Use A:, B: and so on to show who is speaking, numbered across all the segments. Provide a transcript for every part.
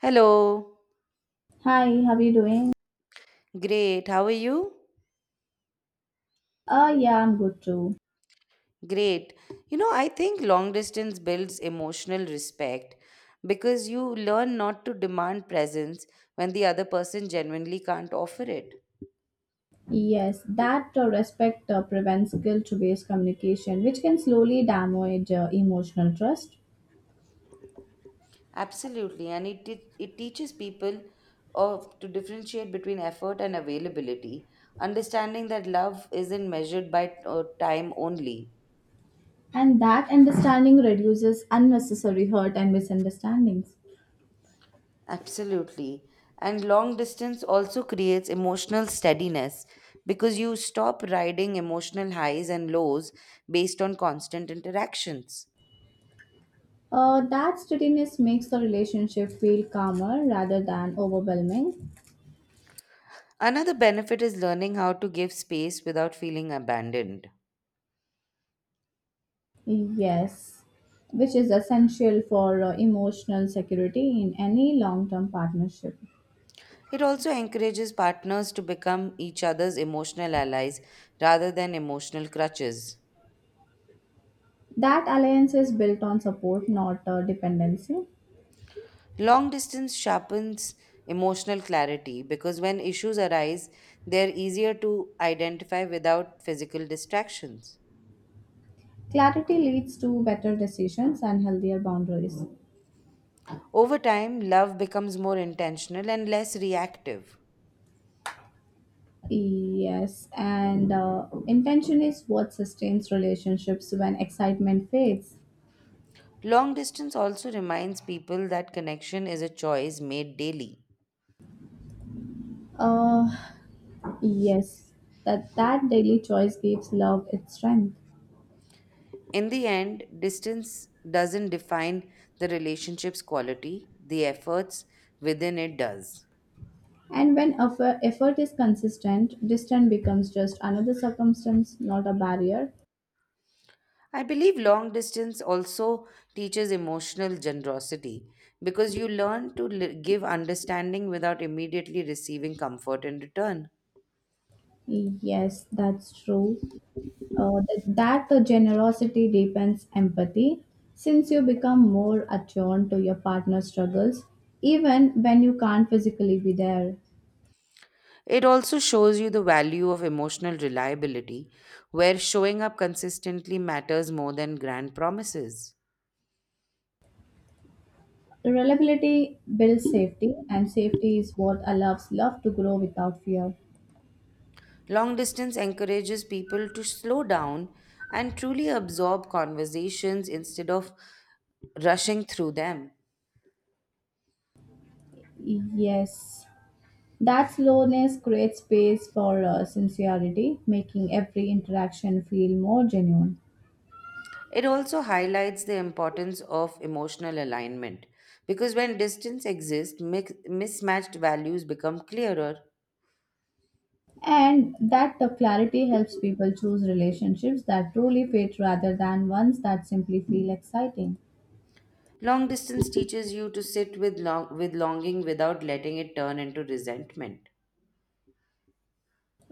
A: Hello.
B: Hi, how are you doing?
A: Great. How are you?
B: Yeah, I'm good too.
A: Great. You know, I think long distance builds emotional respect because you learn not to demand presence when the other person genuinely can't offer it.
B: Yes, that respect prevents guilt-based communication, which can slowly damage emotional trust.
A: Absolutely. And it teaches people to differentiate between effort and availability, understanding that love isn't measured by time only.
B: And that understanding reduces unnecessary hurt and misunderstandings.
A: Absolutely. And long distance also creates emotional steadiness because you stop riding emotional highs and lows based on constant interactions.
B: That steadiness makes the relationship feel calmer rather than overwhelming.
A: Another benefit is learning how to give space without feeling abandoned.
B: Yes, which is essential for emotional security in any long-term partnership.
A: It also encourages partners to become each other's emotional allies rather than emotional crutches.
B: That alliance is built on support, not dependency.
A: Long distance sharpens emotional clarity because when issues arise, they're easier to identify without physical distractions.
B: Clarity leads to better decisions and healthier boundaries.
A: Over time, love becomes more intentional and less reactive.
B: Yes, and intention is what sustains relationships when excitement fades.
A: Long distance also reminds people that connection is a choice made daily.
B: Uh, yes, that daily choice gives love its strength.
A: In the end, distance doesn't define the relationship's quality, the efforts within it does.
B: And when effort is consistent, distance becomes just another circumstance, not a barrier.
A: I believe long distance also teaches emotional generosity because you learn to give understanding without immediately receiving comfort in return.
B: Yes, that's true. That the generosity deepens empathy since you become more attuned to your partner's struggles even when you can't physically be there.
A: It also shows you the value of emotional reliability, where showing up consistently matters more than grand promises.
B: Reliability builds safety, and safety is what allows love to grow without fear.
A: Long distance encourages people to slow down and truly absorb conversations instead of rushing through them.
B: Yes, that slowness creates space for sincerity, making every interaction feel more genuine.
A: It also highlights the importance of emotional alignment because when distance exists, mismatched values become clearer.
B: And that the clarity helps people choose relationships that truly fit rather than ones that simply feel exciting,
A: Long distance teaches you to with longing without letting it turn into resentment.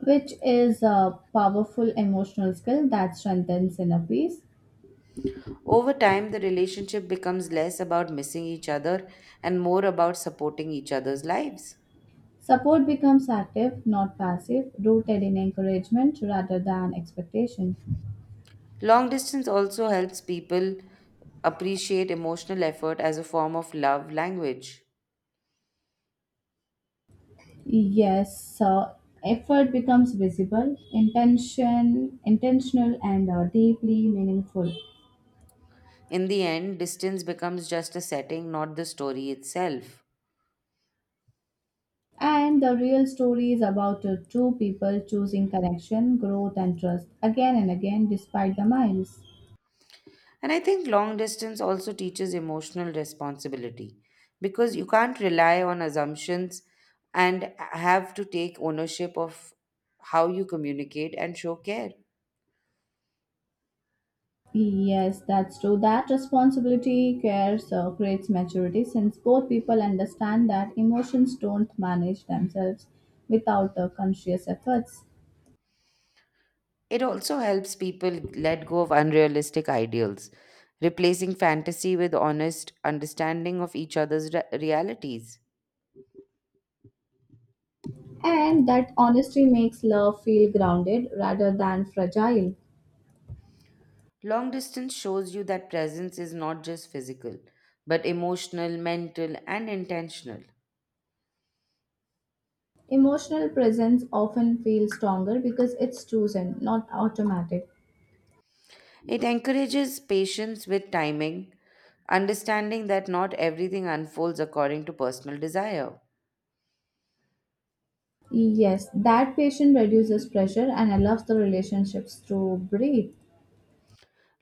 B: which is a powerful emotional skill that strengthens inner peace.
A: Over time, the relationship becomes less about missing each other and more about supporting each other's lives.
B: Support becomes active, not passive, rooted in encouragement rather than expectation.
A: Long distance also helps people appreciate emotional effort as a form of love language.
B: Yes, effort becomes visible, intentional, and deeply meaningful.
A: In the end, distance becomes just a setting, not the story itself.
B: And the real story is about two people choosing connection, growth, and trust again and again despite the miles.
A: And I think long distance also teaches emotional responsibility because you can't rely on assumptions and have to take ownership of how you communicate and show care.
B: Yes, that's true. That responsibility cares creates maturity, since both people understand that emotions don't manage themselves without conscious efforts.
A: It also helps people let go of unrealistic ideals, replacing fantasy with honest understanding of each other's realities.
B: And that honesty makes love feel grounded rather than fragile.
A: Long distance shows you that presence is not just physical, but emotional, mental, and intentional.
B: Emotional presence often feels stronger because it's chosen, not automatic.
A: It encourages patience with timing, understanding that not everything unfolds according to personal desire.
B: Yes, that patient reduces pressure and allows the relationships to breathe.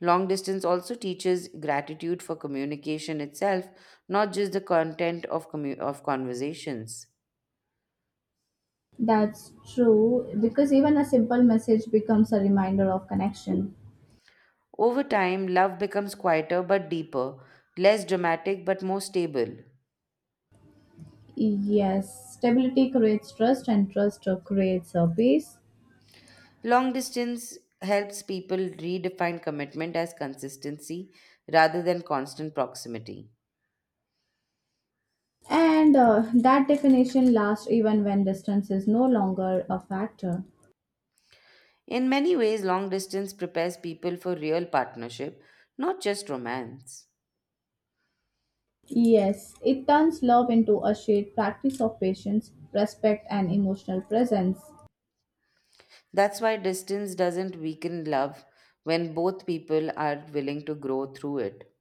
A: Long distance also teaches gratitude for communication itself, not just the content of conversations.
B: That's true, because even a simple message becomes a reminder of connection.
A: Over time, love becomes quieter but deeper, less dramatic but more stable.
B: Yes, stability creates trust, and trust creates a peace.
A: Long distance helps people redefine commitment as consistency rather than constant proximity.
B: And that definition lasts even when distance is no longer a factor.
A: In many ways, long distance prepares people for real partnership, not just romance.
B: Yes, it turns love into a shared practice of patience, respect, and emotional presence.
A: That's why distance doesn't weaken love when both people are willing to grow through it.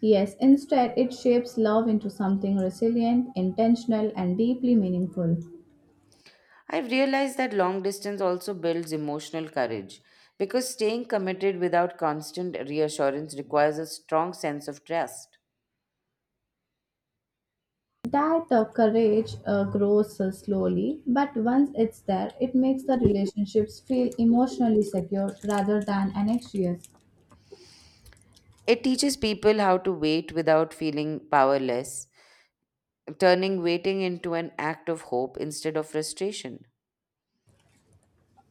B: Yes, instead, it shapes love into something resilient, intentional, and deeply meaningful.
A: I've realized that long distance also builds emotional courage because staying committed without constant reassurance requires a strong sense of trust.
B: That courage grows slowly, but once it's there, it makes the relationships feel emotionally secure rather than anxious.
A: It teaches people how to wait without feeling powerless, turning waiting into an act of hope instead of frustration.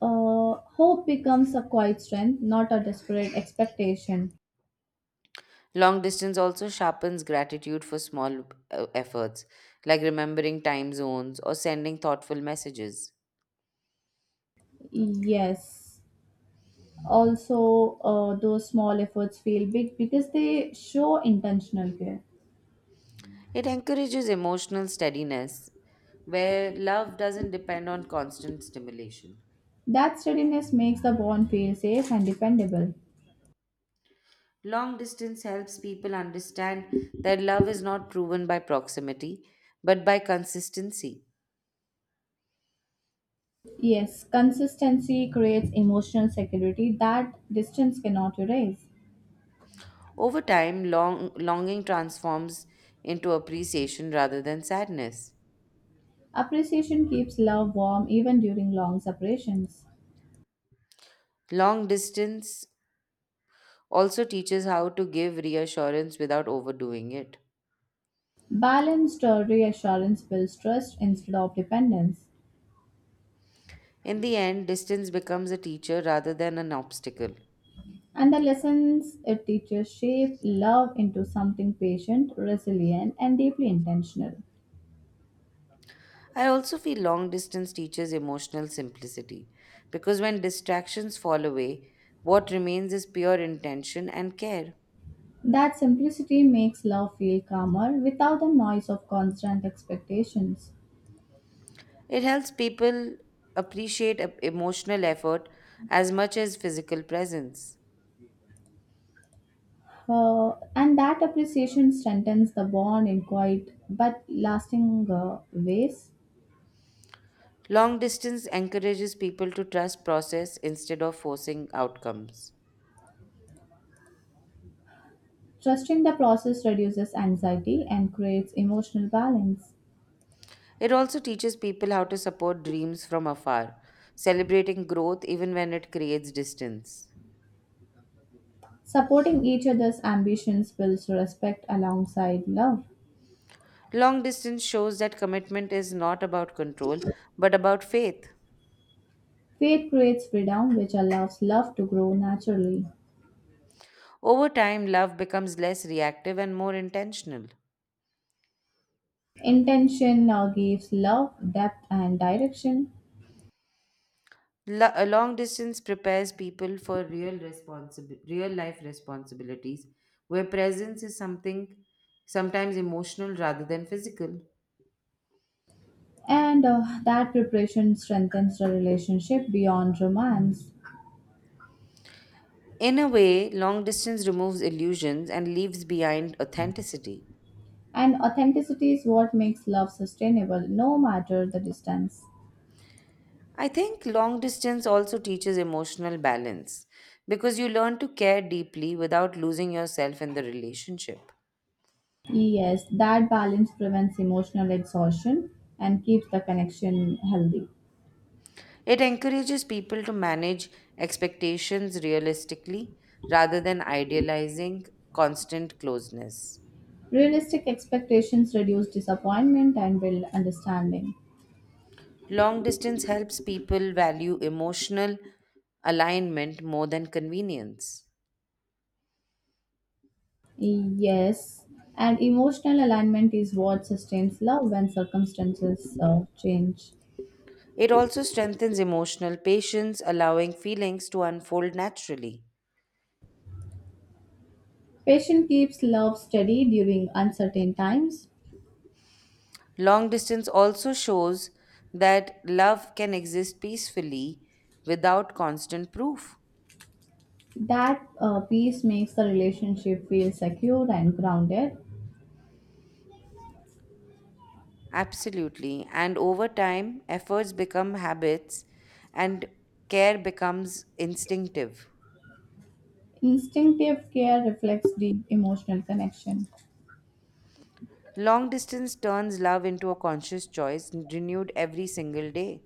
B: Hope becomes a quiet strength, not a desperate expectation.
A: Long distance also sharpens gratitude for small efforts, like remembering time zones or sending thoughtful messages.
B: Yes. Also, those small efforts feel big because they show intentional care.
A: It encourages emotional steadiness, where love doesn't depend on constant stimulation.
B: That steadiness makes the bond feel safe and dependable.
A: Long distance helps people understand that love is not proven by proximity, but by consistency.
B: Yes, consistency creates emotional security that distance cannot erase.
A: Over time, longing transforms into appreciation rather than sadness.
B: Appreciation keeps love warm even during long separations.
A: Long distance also teaches how to give reassurance without overdoing it.
B: Balanced reassurance builds trust instead of dependence.
A: In the end, distance becomes a teacher rather than an obstacle.
B: And the lessons it teaches shape love into something patient, resilient, and deeply intentional.
A: I also feel long distance teaches emotional simplicity because when distractions fall away, what remains is pure intention and care.
B: That simplicity makes love feel calmer without the noise of constant expectations.
A: It helps people appreciate emotional effort as much as physical presence.
B: And that appreciation strengthens the bond in quiet but lasting ways.
A: Long distance encourages people to trust process instead of forcing outcomes.
B: Trusting the process reduces anxiety and creates emotional balance.
A: It also teaches people how to support dreams from afar, celebrating growth even when it creates distance.
B: Supporting each other's ambitions builds respect alongside love.
A: Long distance shows that commitment is not about control, but about faith.
B: Faith creates freedom, which allows love to grow naturally.
A: Over time, love becomes less reactive and more intentional.
B: Intention now gives love depth and direction,
A: A long distance prepares people for real life responsibilities where presence is something sometimes emotional rather than physical.
B: and that preparation strengthens the relationship beyond romance.
A: In a way, long distance removes illusions and leaves behind authenticity.
B: And authenticity is what makes love sustainable, no matter the distance.
A: I think long distance also teaches emotional balance because you learn to care deeply without losing yourself in the relationship.
B: Yes, that balance prevents emotional exhaustion and keeps the connection healthy.
A: It encourages people to manage expectations realistically rather than idealizing constant closeness.
B: Realistic expectations reduce disappointment and build understanding.
A: Long distance helps people value emotional alignment more than convenience.
B: Yes, and emotional alignment is what sustains love when circumstances change.
A: It also strengthens emotional patience, allowing feelings to unfold naturally.
B: Patience keeps love steady during uncertain times.
A: Long distance also shows that love can exist peacefully without constant proof.
B: That peace makes the relationship feel secure and grounded.
A: Absolutely. And over time, efforts become habits and care becomes instinctive.
B: Instinctive care reflects deep emotional connection,
A: Long distance turns love into a conscious choice renewed every single day.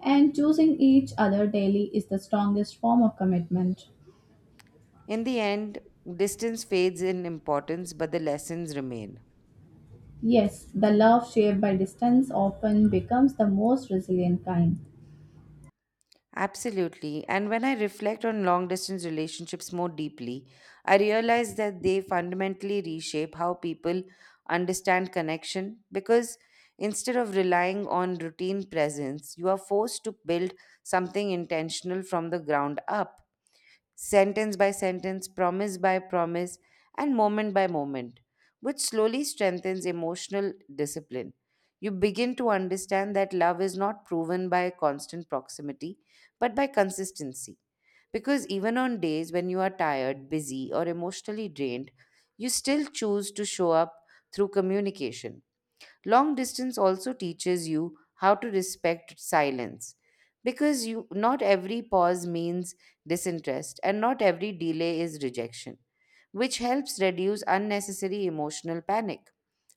B: and choosing each other daily is the strongest form of commitment.
A: In the end, distance fades in importance, but the lessons remain.
B: Yes, the love shaped by distance often becomes the most resilient kind.
A: Absolutely. And when I reflect on long distance relationships more deeply, I realize that they fundamentally reshape how people understand connection because instead of relying on routine presence, you are forced to build something intentional from the ground up sentence by sentence, promise by promise, and moment by moment, which slowly strengthens emotional discipline. You begin to understand that love is not proven by constant proximity, but by consistency. Because even on days when you are tired, busy, or emotionally drained, you still choose to show up through communication. Long distance also teaches you how to respect silence because you not every pause means disinterest and not every delay is rejection, which helps reduce unnecessary emotional panic.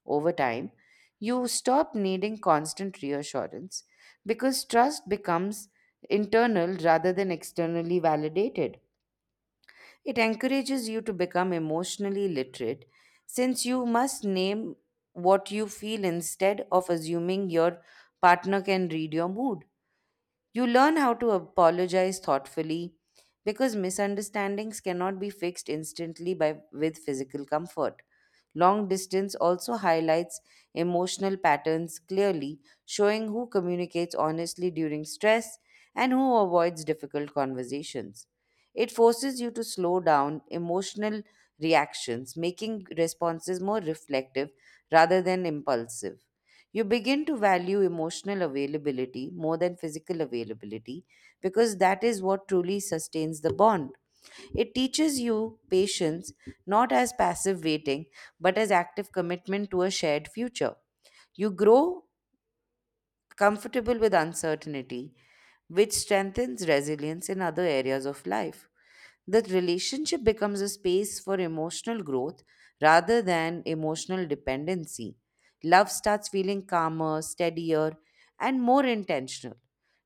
A: Over time, you stop needing constant reassurance because trust becomes internal rather than externally validated. It encourages you to become emotionally literate since you must name what you feel instead of assuming your partner can read your mood. You learn how to apologize thoughtfully because misunderstandings cannot be fixed instantly by with physical comfort. Long distance also highlights emotional patterns clearly, showing who communicates honestly during stress and who avoids difficult conversations. It forces you to slow down emotional reactions, making responses more reflective rather than impulsive. You begin to value emotional availability more than physical availability because that is what truly sustains the bond. It teaches you patience not as passive waiting but as active commitment to a shared future. You grow comfortable with uncertainty, which strengthens resilience in other areas of life. That relationship becomes a space for emotional growth rather than emotional dependency. Love starts feeling calmer, steadier, and more intentional.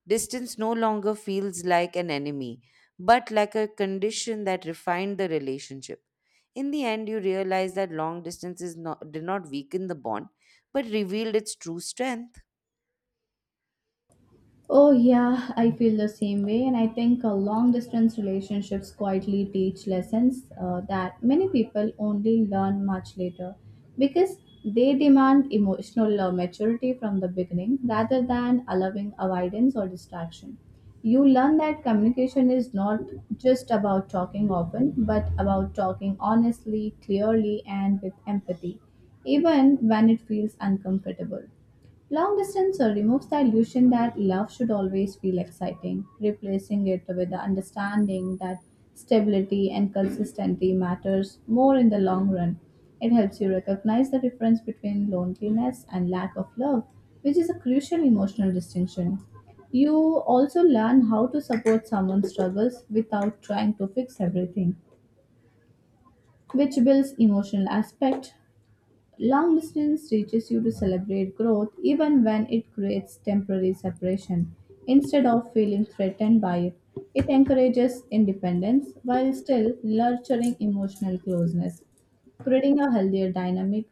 A: Distance no longer feels like an enemy, but like a condition that refined the relationship. In the end, you realize that long distance is not, did not weaken the bond, but revealed its true strength.
B: Oh, yeah, I feel the same way. And I think long distance relationships quietly teach lessons that many people only learn much later, because they demand emotional maturity from the beginning rather than allowing avoidance or distraction. You learn that communication is not just about talking often, but about talking honestly, clearly, and with empathy, even when it feels uncomfortable. Long distance removes the illusion that love should always feel exciting, replacing it with the understanding that stability and consistency matters more in the long run. It helps you recognize the difference between loneliness and lack of love, which is a crucial emotional distinction. You also learn how to support someone's struggles without trying to fix everything, which builds emotional aspect. Long distance teaches you to celebrate growth even when it creates temporary separation. Instead of feeling threatened by it, it encourages independence while still nurturing emotional closeness, creating a healthier dynamic.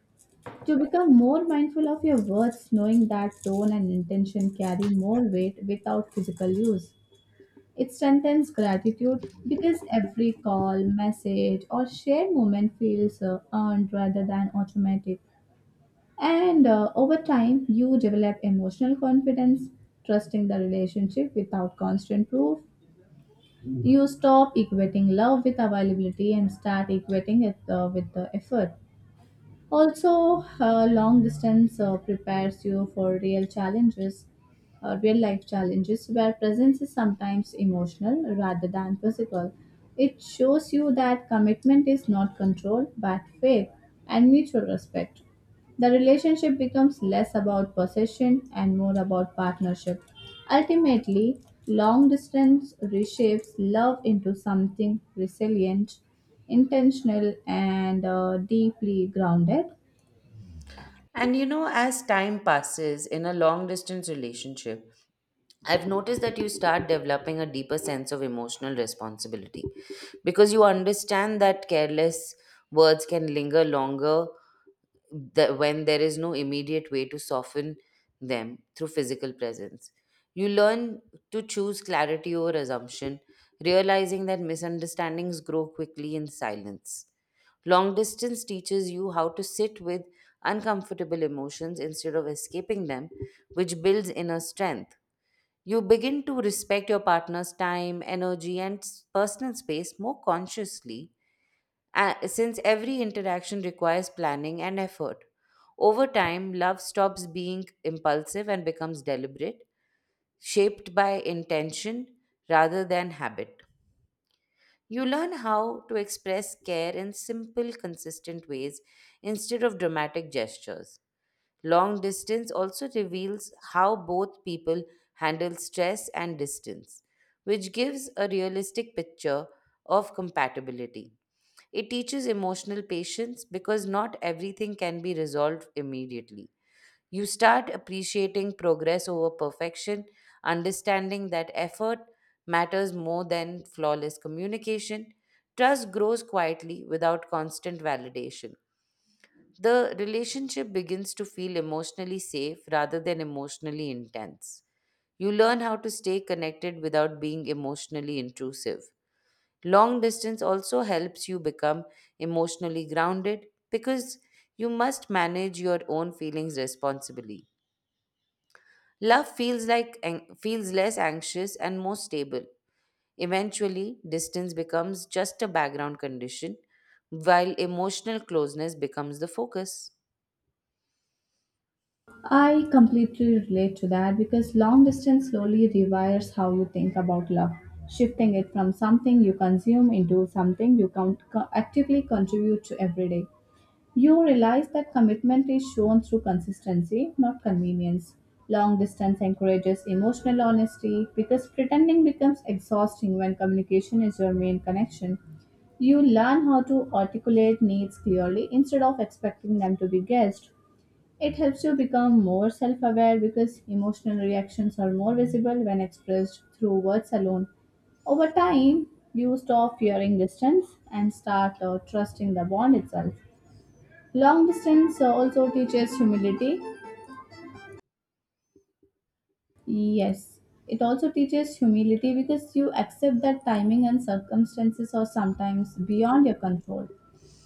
B: To become more mindful of your words, knowing that tone and intention carry more weight without physical use. It strengthens gratitude because every call, message, or shared moment feels earned rather than automatic. And over time, you develop emotional confidence, trusting the relationship without constant proof. You stop equating love with availability and start equating it with the effort. Also, long distance prepares you for real challenges, real life challenges, where presence is sometimes emotional rather than physical. It shows you that commitment is not control but faith and mutual respect. The relationship becomes less about possession and more about partnership. Ultimately, long distance reshapes love into something resilient, intentional, and deeply grounded.
A: And you know, as time passes in a long distance relationship, I've noticed that you start developing a deeper sense of emotional responsibility because you understand that careless words can linger longer when there is no immediate way to soften them through physical presence. You learn to choose clarity over assumption, realizing that misunderstandings grow quickly in silence. Long distance teaches you how to sit with uncomfortable emotions instead of escaping them, which builds inner strength. You begin to respect your partner's time, energy, and personal space more consciously, since every interaction requires planning and effort. Over time, love stops being impulsive and becomes deliberate, shaped by intention rather than habit. You learn how to express care in simple, consistent ways instead of dramatic gestures. Long distance also reveals how both people handle stress and distance, which gives a realistic picture of compatibility. It teaches emotional patience because not everything can be resolved immediately. You start appreciating progress over perfection, understanding that effort matters more than flawless communication. Trust grows quietly without constant validation. The relationship begins to feel emotionally safe rather than emotionally intense. You learn how to stay connected without being emotionally intrusive. Long distance also helps you become emotionally grounded because you must manage your own feelings responsibly. Love feels less anxious and more stable. Eventually, distance becomes just a background condition while emotional closeness becomes the focus.
B: I completely relate to that because long distance slowly rewires how you think about love, shifting it from something you consume into something you can actively contribute to every day. You realize that commitment is shown through consistency, not convenience. Long distance encourages emotional honesty because pretending becomes exhausting when communication is your main connection. You learn how to articulate needs clearly instead of expecting them to be guessed. It helps you become more self aware because emotional reactions are more visible when expressed through words alone. Over time, you stop fearing distance and start trusting the bond itself. Long distance also teaches humility. Yes, it also teaches humility because you accept that timing and circumstances are sometimes beyond your control.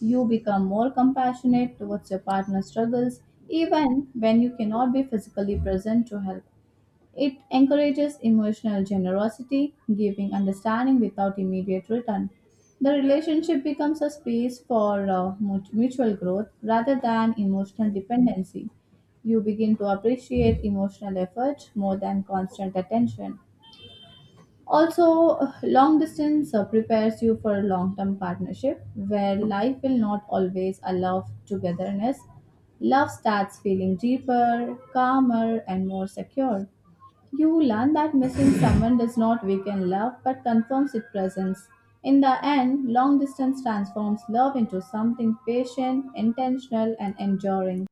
B: You become more compassionate towards your partner's struggles even when you cannot be physically present to help. It encourages emotional generosity, giving understanding without immediate return. The relationship becomes a space for mutual growth rather than emotional dependency. You begin to appreciate emotional effort more than constant attention. Also, long distance prepares you for a long term partnership where life will not always allow togetherness. Love starts feeling deeper, calmer, and more secure. You learn that missing someone does not weaken love but confirms its presence. In the end, long distance transforms love into something patient, intentional, and enduring.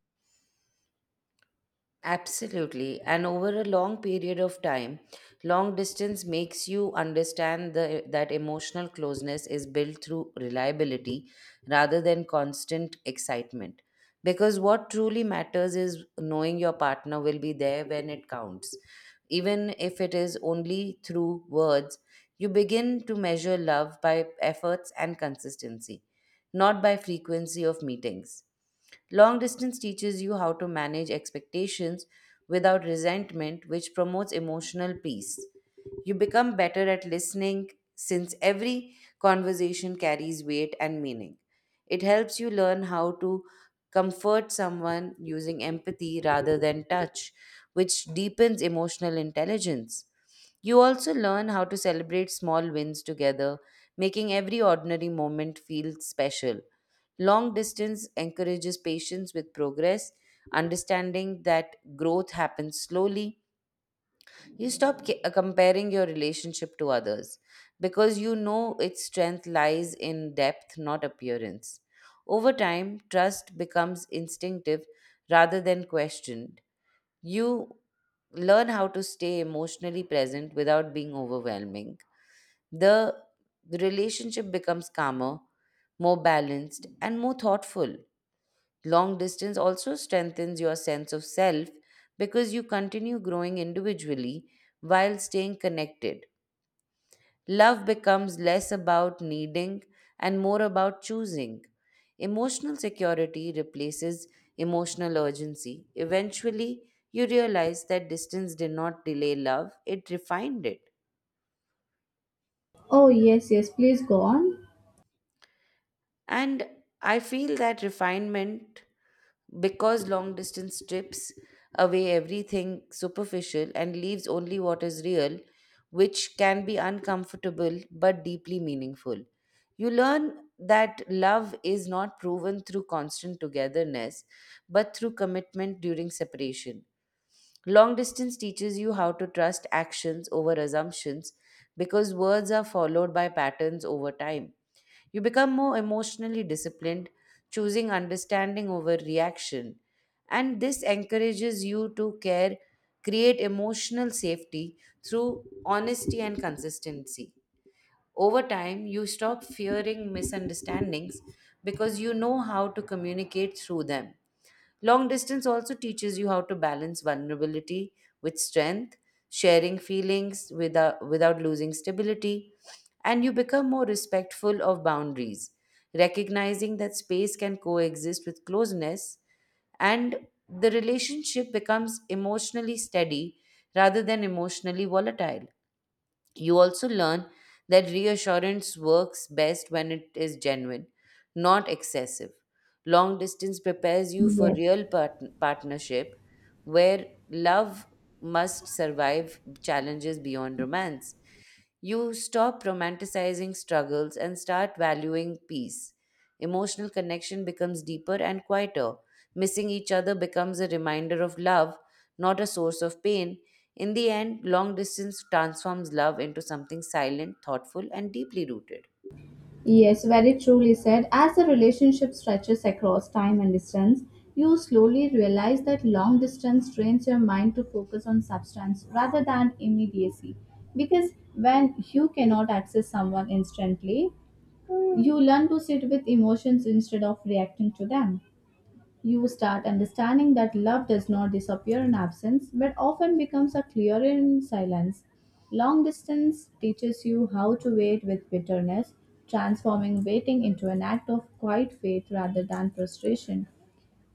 A: Absolutely. And over a long period of time, long distance makes you understand that emotional closeness is built through reliability rather than constant excitement. Because what truly matters is knowing your partner will be there when it counts. Even if it is only through words, you begin to measure love by efforts and consistency, not by frequency of meetings. Long distance teaches you how to manage expectations without resentment, which promotes emotional peace. You become better at listening since every conversation carries weight and meaning. It helps you learn how to comfort someone using empathy rather than touch, which deepens emotional intelligence. You also learn how to celebrate small wins together, making every ordinary moment feel special. Long distance encourages patience with progress, understanding that growth happens slowly. You stop comparing your relationship to others because you know its strength lies in depth, not appearance. Over time, trust becomes instinctive rather than questioned. You learn how to stay emotionally present without being overwhelming. The the relationship becomes calmer, more balanced, and more thoughtful. Long distance also strengthens your sense of self because you continue growing individually while staying connected. Love becomes less about needing and more about choosing. Emotional security replaces emotional urgency. Eventually, you realize that distance did not delay love, it refined it.
B: Oh, yes, yes, please go on.
A: And I feel that refinement, because long distance strips away everything superficial and leaves only what is real, which can be uncomfortable but deeply meaningful. You learn that love is not proven through constant togetherness, but through commitment during separation. Long distance teaches you how to trust actions over assumptions because words are followed by patterns over time. You become more emotionally disciplined, choosing understanding over reaction. And this encourages you to care, create emotional safety through honesty and consistency. Over time, you stop fearing misunderstandings because you know how to communicate through them. Long distance also teaches you how to balance vulnerability with strength, sharing feelings without losing stability, and you become more respectful of boundaries, recognizing that space can coexist with closeness, and the relationship becomes emotionally steady rather than emotionally volatile. You also learn that reassurance works best when it is genuine, not excessive. Long distance prepares you for
B: Yes.
A: real partnership where love must survive challenges beyond romance. You stop romanticizing struggles and start valuing peace. Emotional connection becomes deeper and quieter. Missing each other becomes a reminder of love, not a source of pain. In the end, long distance transforms love into something silent, thoughtful, and deeply rooted.
B: Yes, very truly said. As the relationship stretches across time and distance, you slowly realize that long distance trains your mind to focus on substance rather than immediacy. Because when you cannot access someone instantly, you learn to sit with emotions instead of reacting to them. You start understanding that love does not disappear in absence but often becomes a clearer in silence. Long distance teaches you how to wait with bitterness, transforming waiting into an act of quiet faith rather than frustration.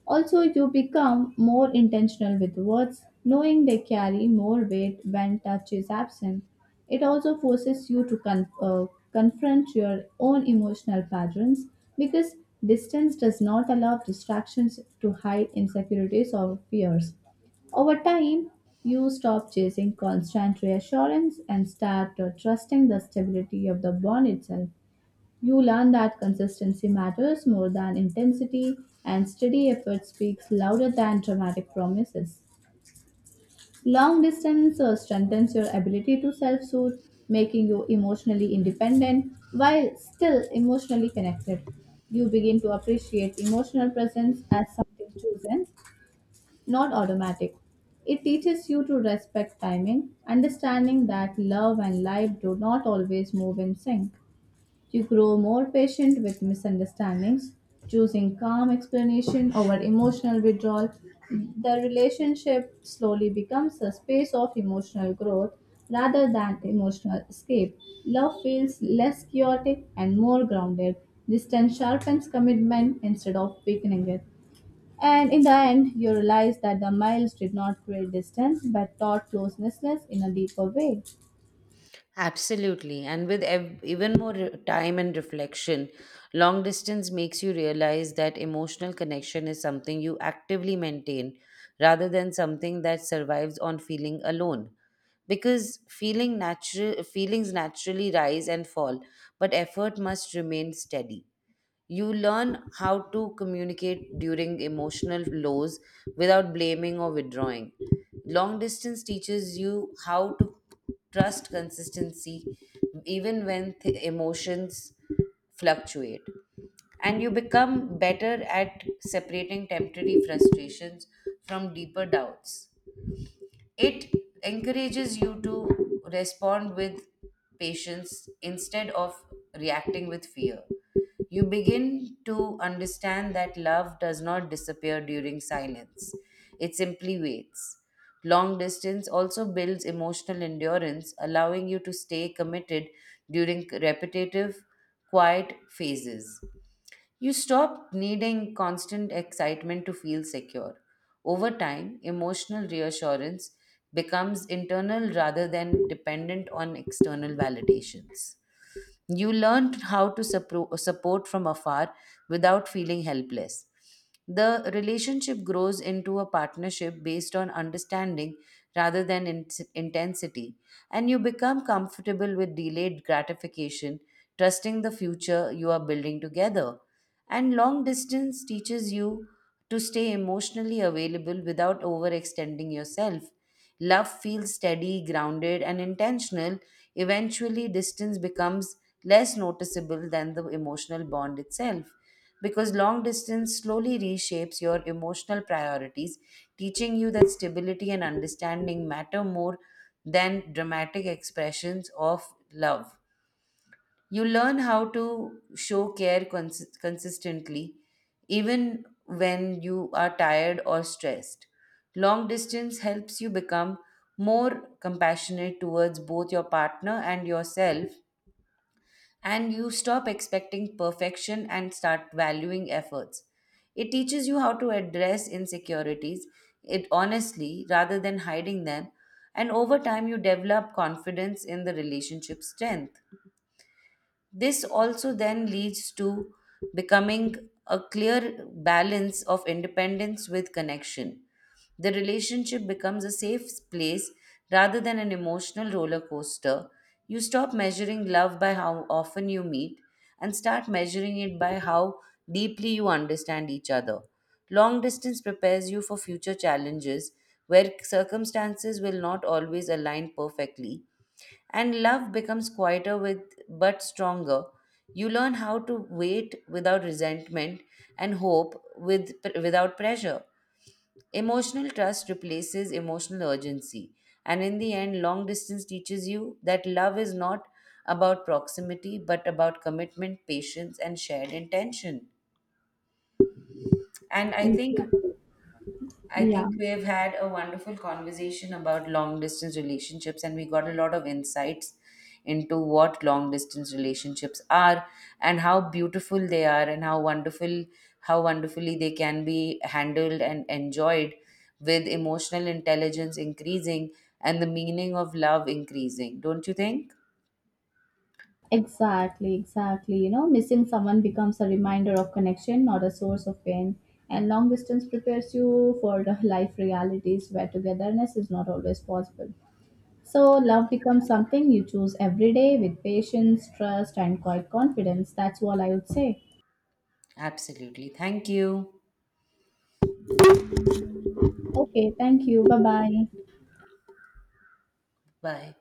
B: Also, you become more intentional with words, knowing they carry more weight when touch is absent. It also forces you to confront your own emotional patterns because distance does not allow distractions to hide insecurities or fears. Over time, you stop chasing constant reassurance and start trusting the stability of the bond itself. You learn that consistency matters more than intensity, and steady effort speaks louder than dramatic promises. Long distance strengthens your ability to self soothe, making you emotionally independent while still emotionally connected. You begin to appreciate emotional presence as something chosen, not automatic. It teaches you to respect timing, understanding that love and life do not always move in sync. You grow more patient with misunderstandings, choosing calm explanation over emotional withdrawal. The relationship slowly becomes a space of emotional growth rather than emotional escape. Love feels less chaotic and more grounded. Distance sharpens commitment instead of weakening it. And in the end, you realize that the miles did not create distance but taught closeness in a deeper way.
A: Absolutely. And with time and reflection, long distance makes you realize that emotional connection is something you actively maintain rather than something that survives on feeling alone. Because feelings naturally rise and fall, but effort must remain steady. You learn how to communicate during emotional lows without blaming or withdrawing. Long distance teaches you how to trust consistency even when emotions fluctuate. And you become better at separating temporary frustrations from deeper doubts. It encourages you to respond with patience instead of reacting with fear. You begin to understand that love does not disappear during silence, it simply waits. Long distance also builds emotional endurance, allowing you to stay committed during repetitive, quiet phases. You stop needing constant excitement to feel secure. Over time, emotional reassurance becomes internal rather than dependent on external validations. You learn how to support from afar without feeling helpless. The relationship grows into a partnership based on understanding rather than intensity, and you become comfortable with delayed gratification, trusting the future you are building together. And long distance teaches you to stay emotionally available without overextending yourself. Love feels steady, grounded, and intentional. Eventually, distance becomes less noticeable than the emotional bond itself because long distance slowly reshapes your emotional priorities, teaching you that stability and understanding matter more than dramatic expressions of love. You learn how to show care consistently, even when you are tired or stressed. Long distance helps you become more compassionate towards both your partner and yourself, and you stop expecting perfection and start valuing efforts. It teaches you how to address insecurities it honestly rather than hiding them, and over time you develop confidence in the relationship strength. This also then leads to becoming a clear balance of independence with connection. The relationship becomes a safe place rather than an emotional roller coaster. You stop measuring love by how often you meet and start measuring it by how deeply you understand each other. Long distance prepares you for future challenges where circumstances will not always align perfectly and love becomes quieter with but stronger. You learn how to wait without resentment and hope without pressure. Emotional trust replaces emotional urgency. And in the end, long distance teaches you that love is not about proximity but about commitment, patience, and shared intention. And
B: Exactly.
A: I
B: Yeah.
A: think we have had a wonderful conversation about long distance relationships, and we got a lot of insights into what long distance relationships are and how beautiful they are, and how wonderful, how wonderfully they can be handled and enjoyed with emotional intelligence increasing and the meaning of love increasing. Don't you think?
B: Exactly, exactly. You know, missing someone becomes a reminder of connection, not a source of pain. And long distance prepares you for the life realities where togetherness is not always possible. So, love becomes something you choose every day with patience, trust, and quiet confidence. That's all I would say.
A: Absolutely. Thank you.
B: Okay, thank you. Bye bye.
A: Bye.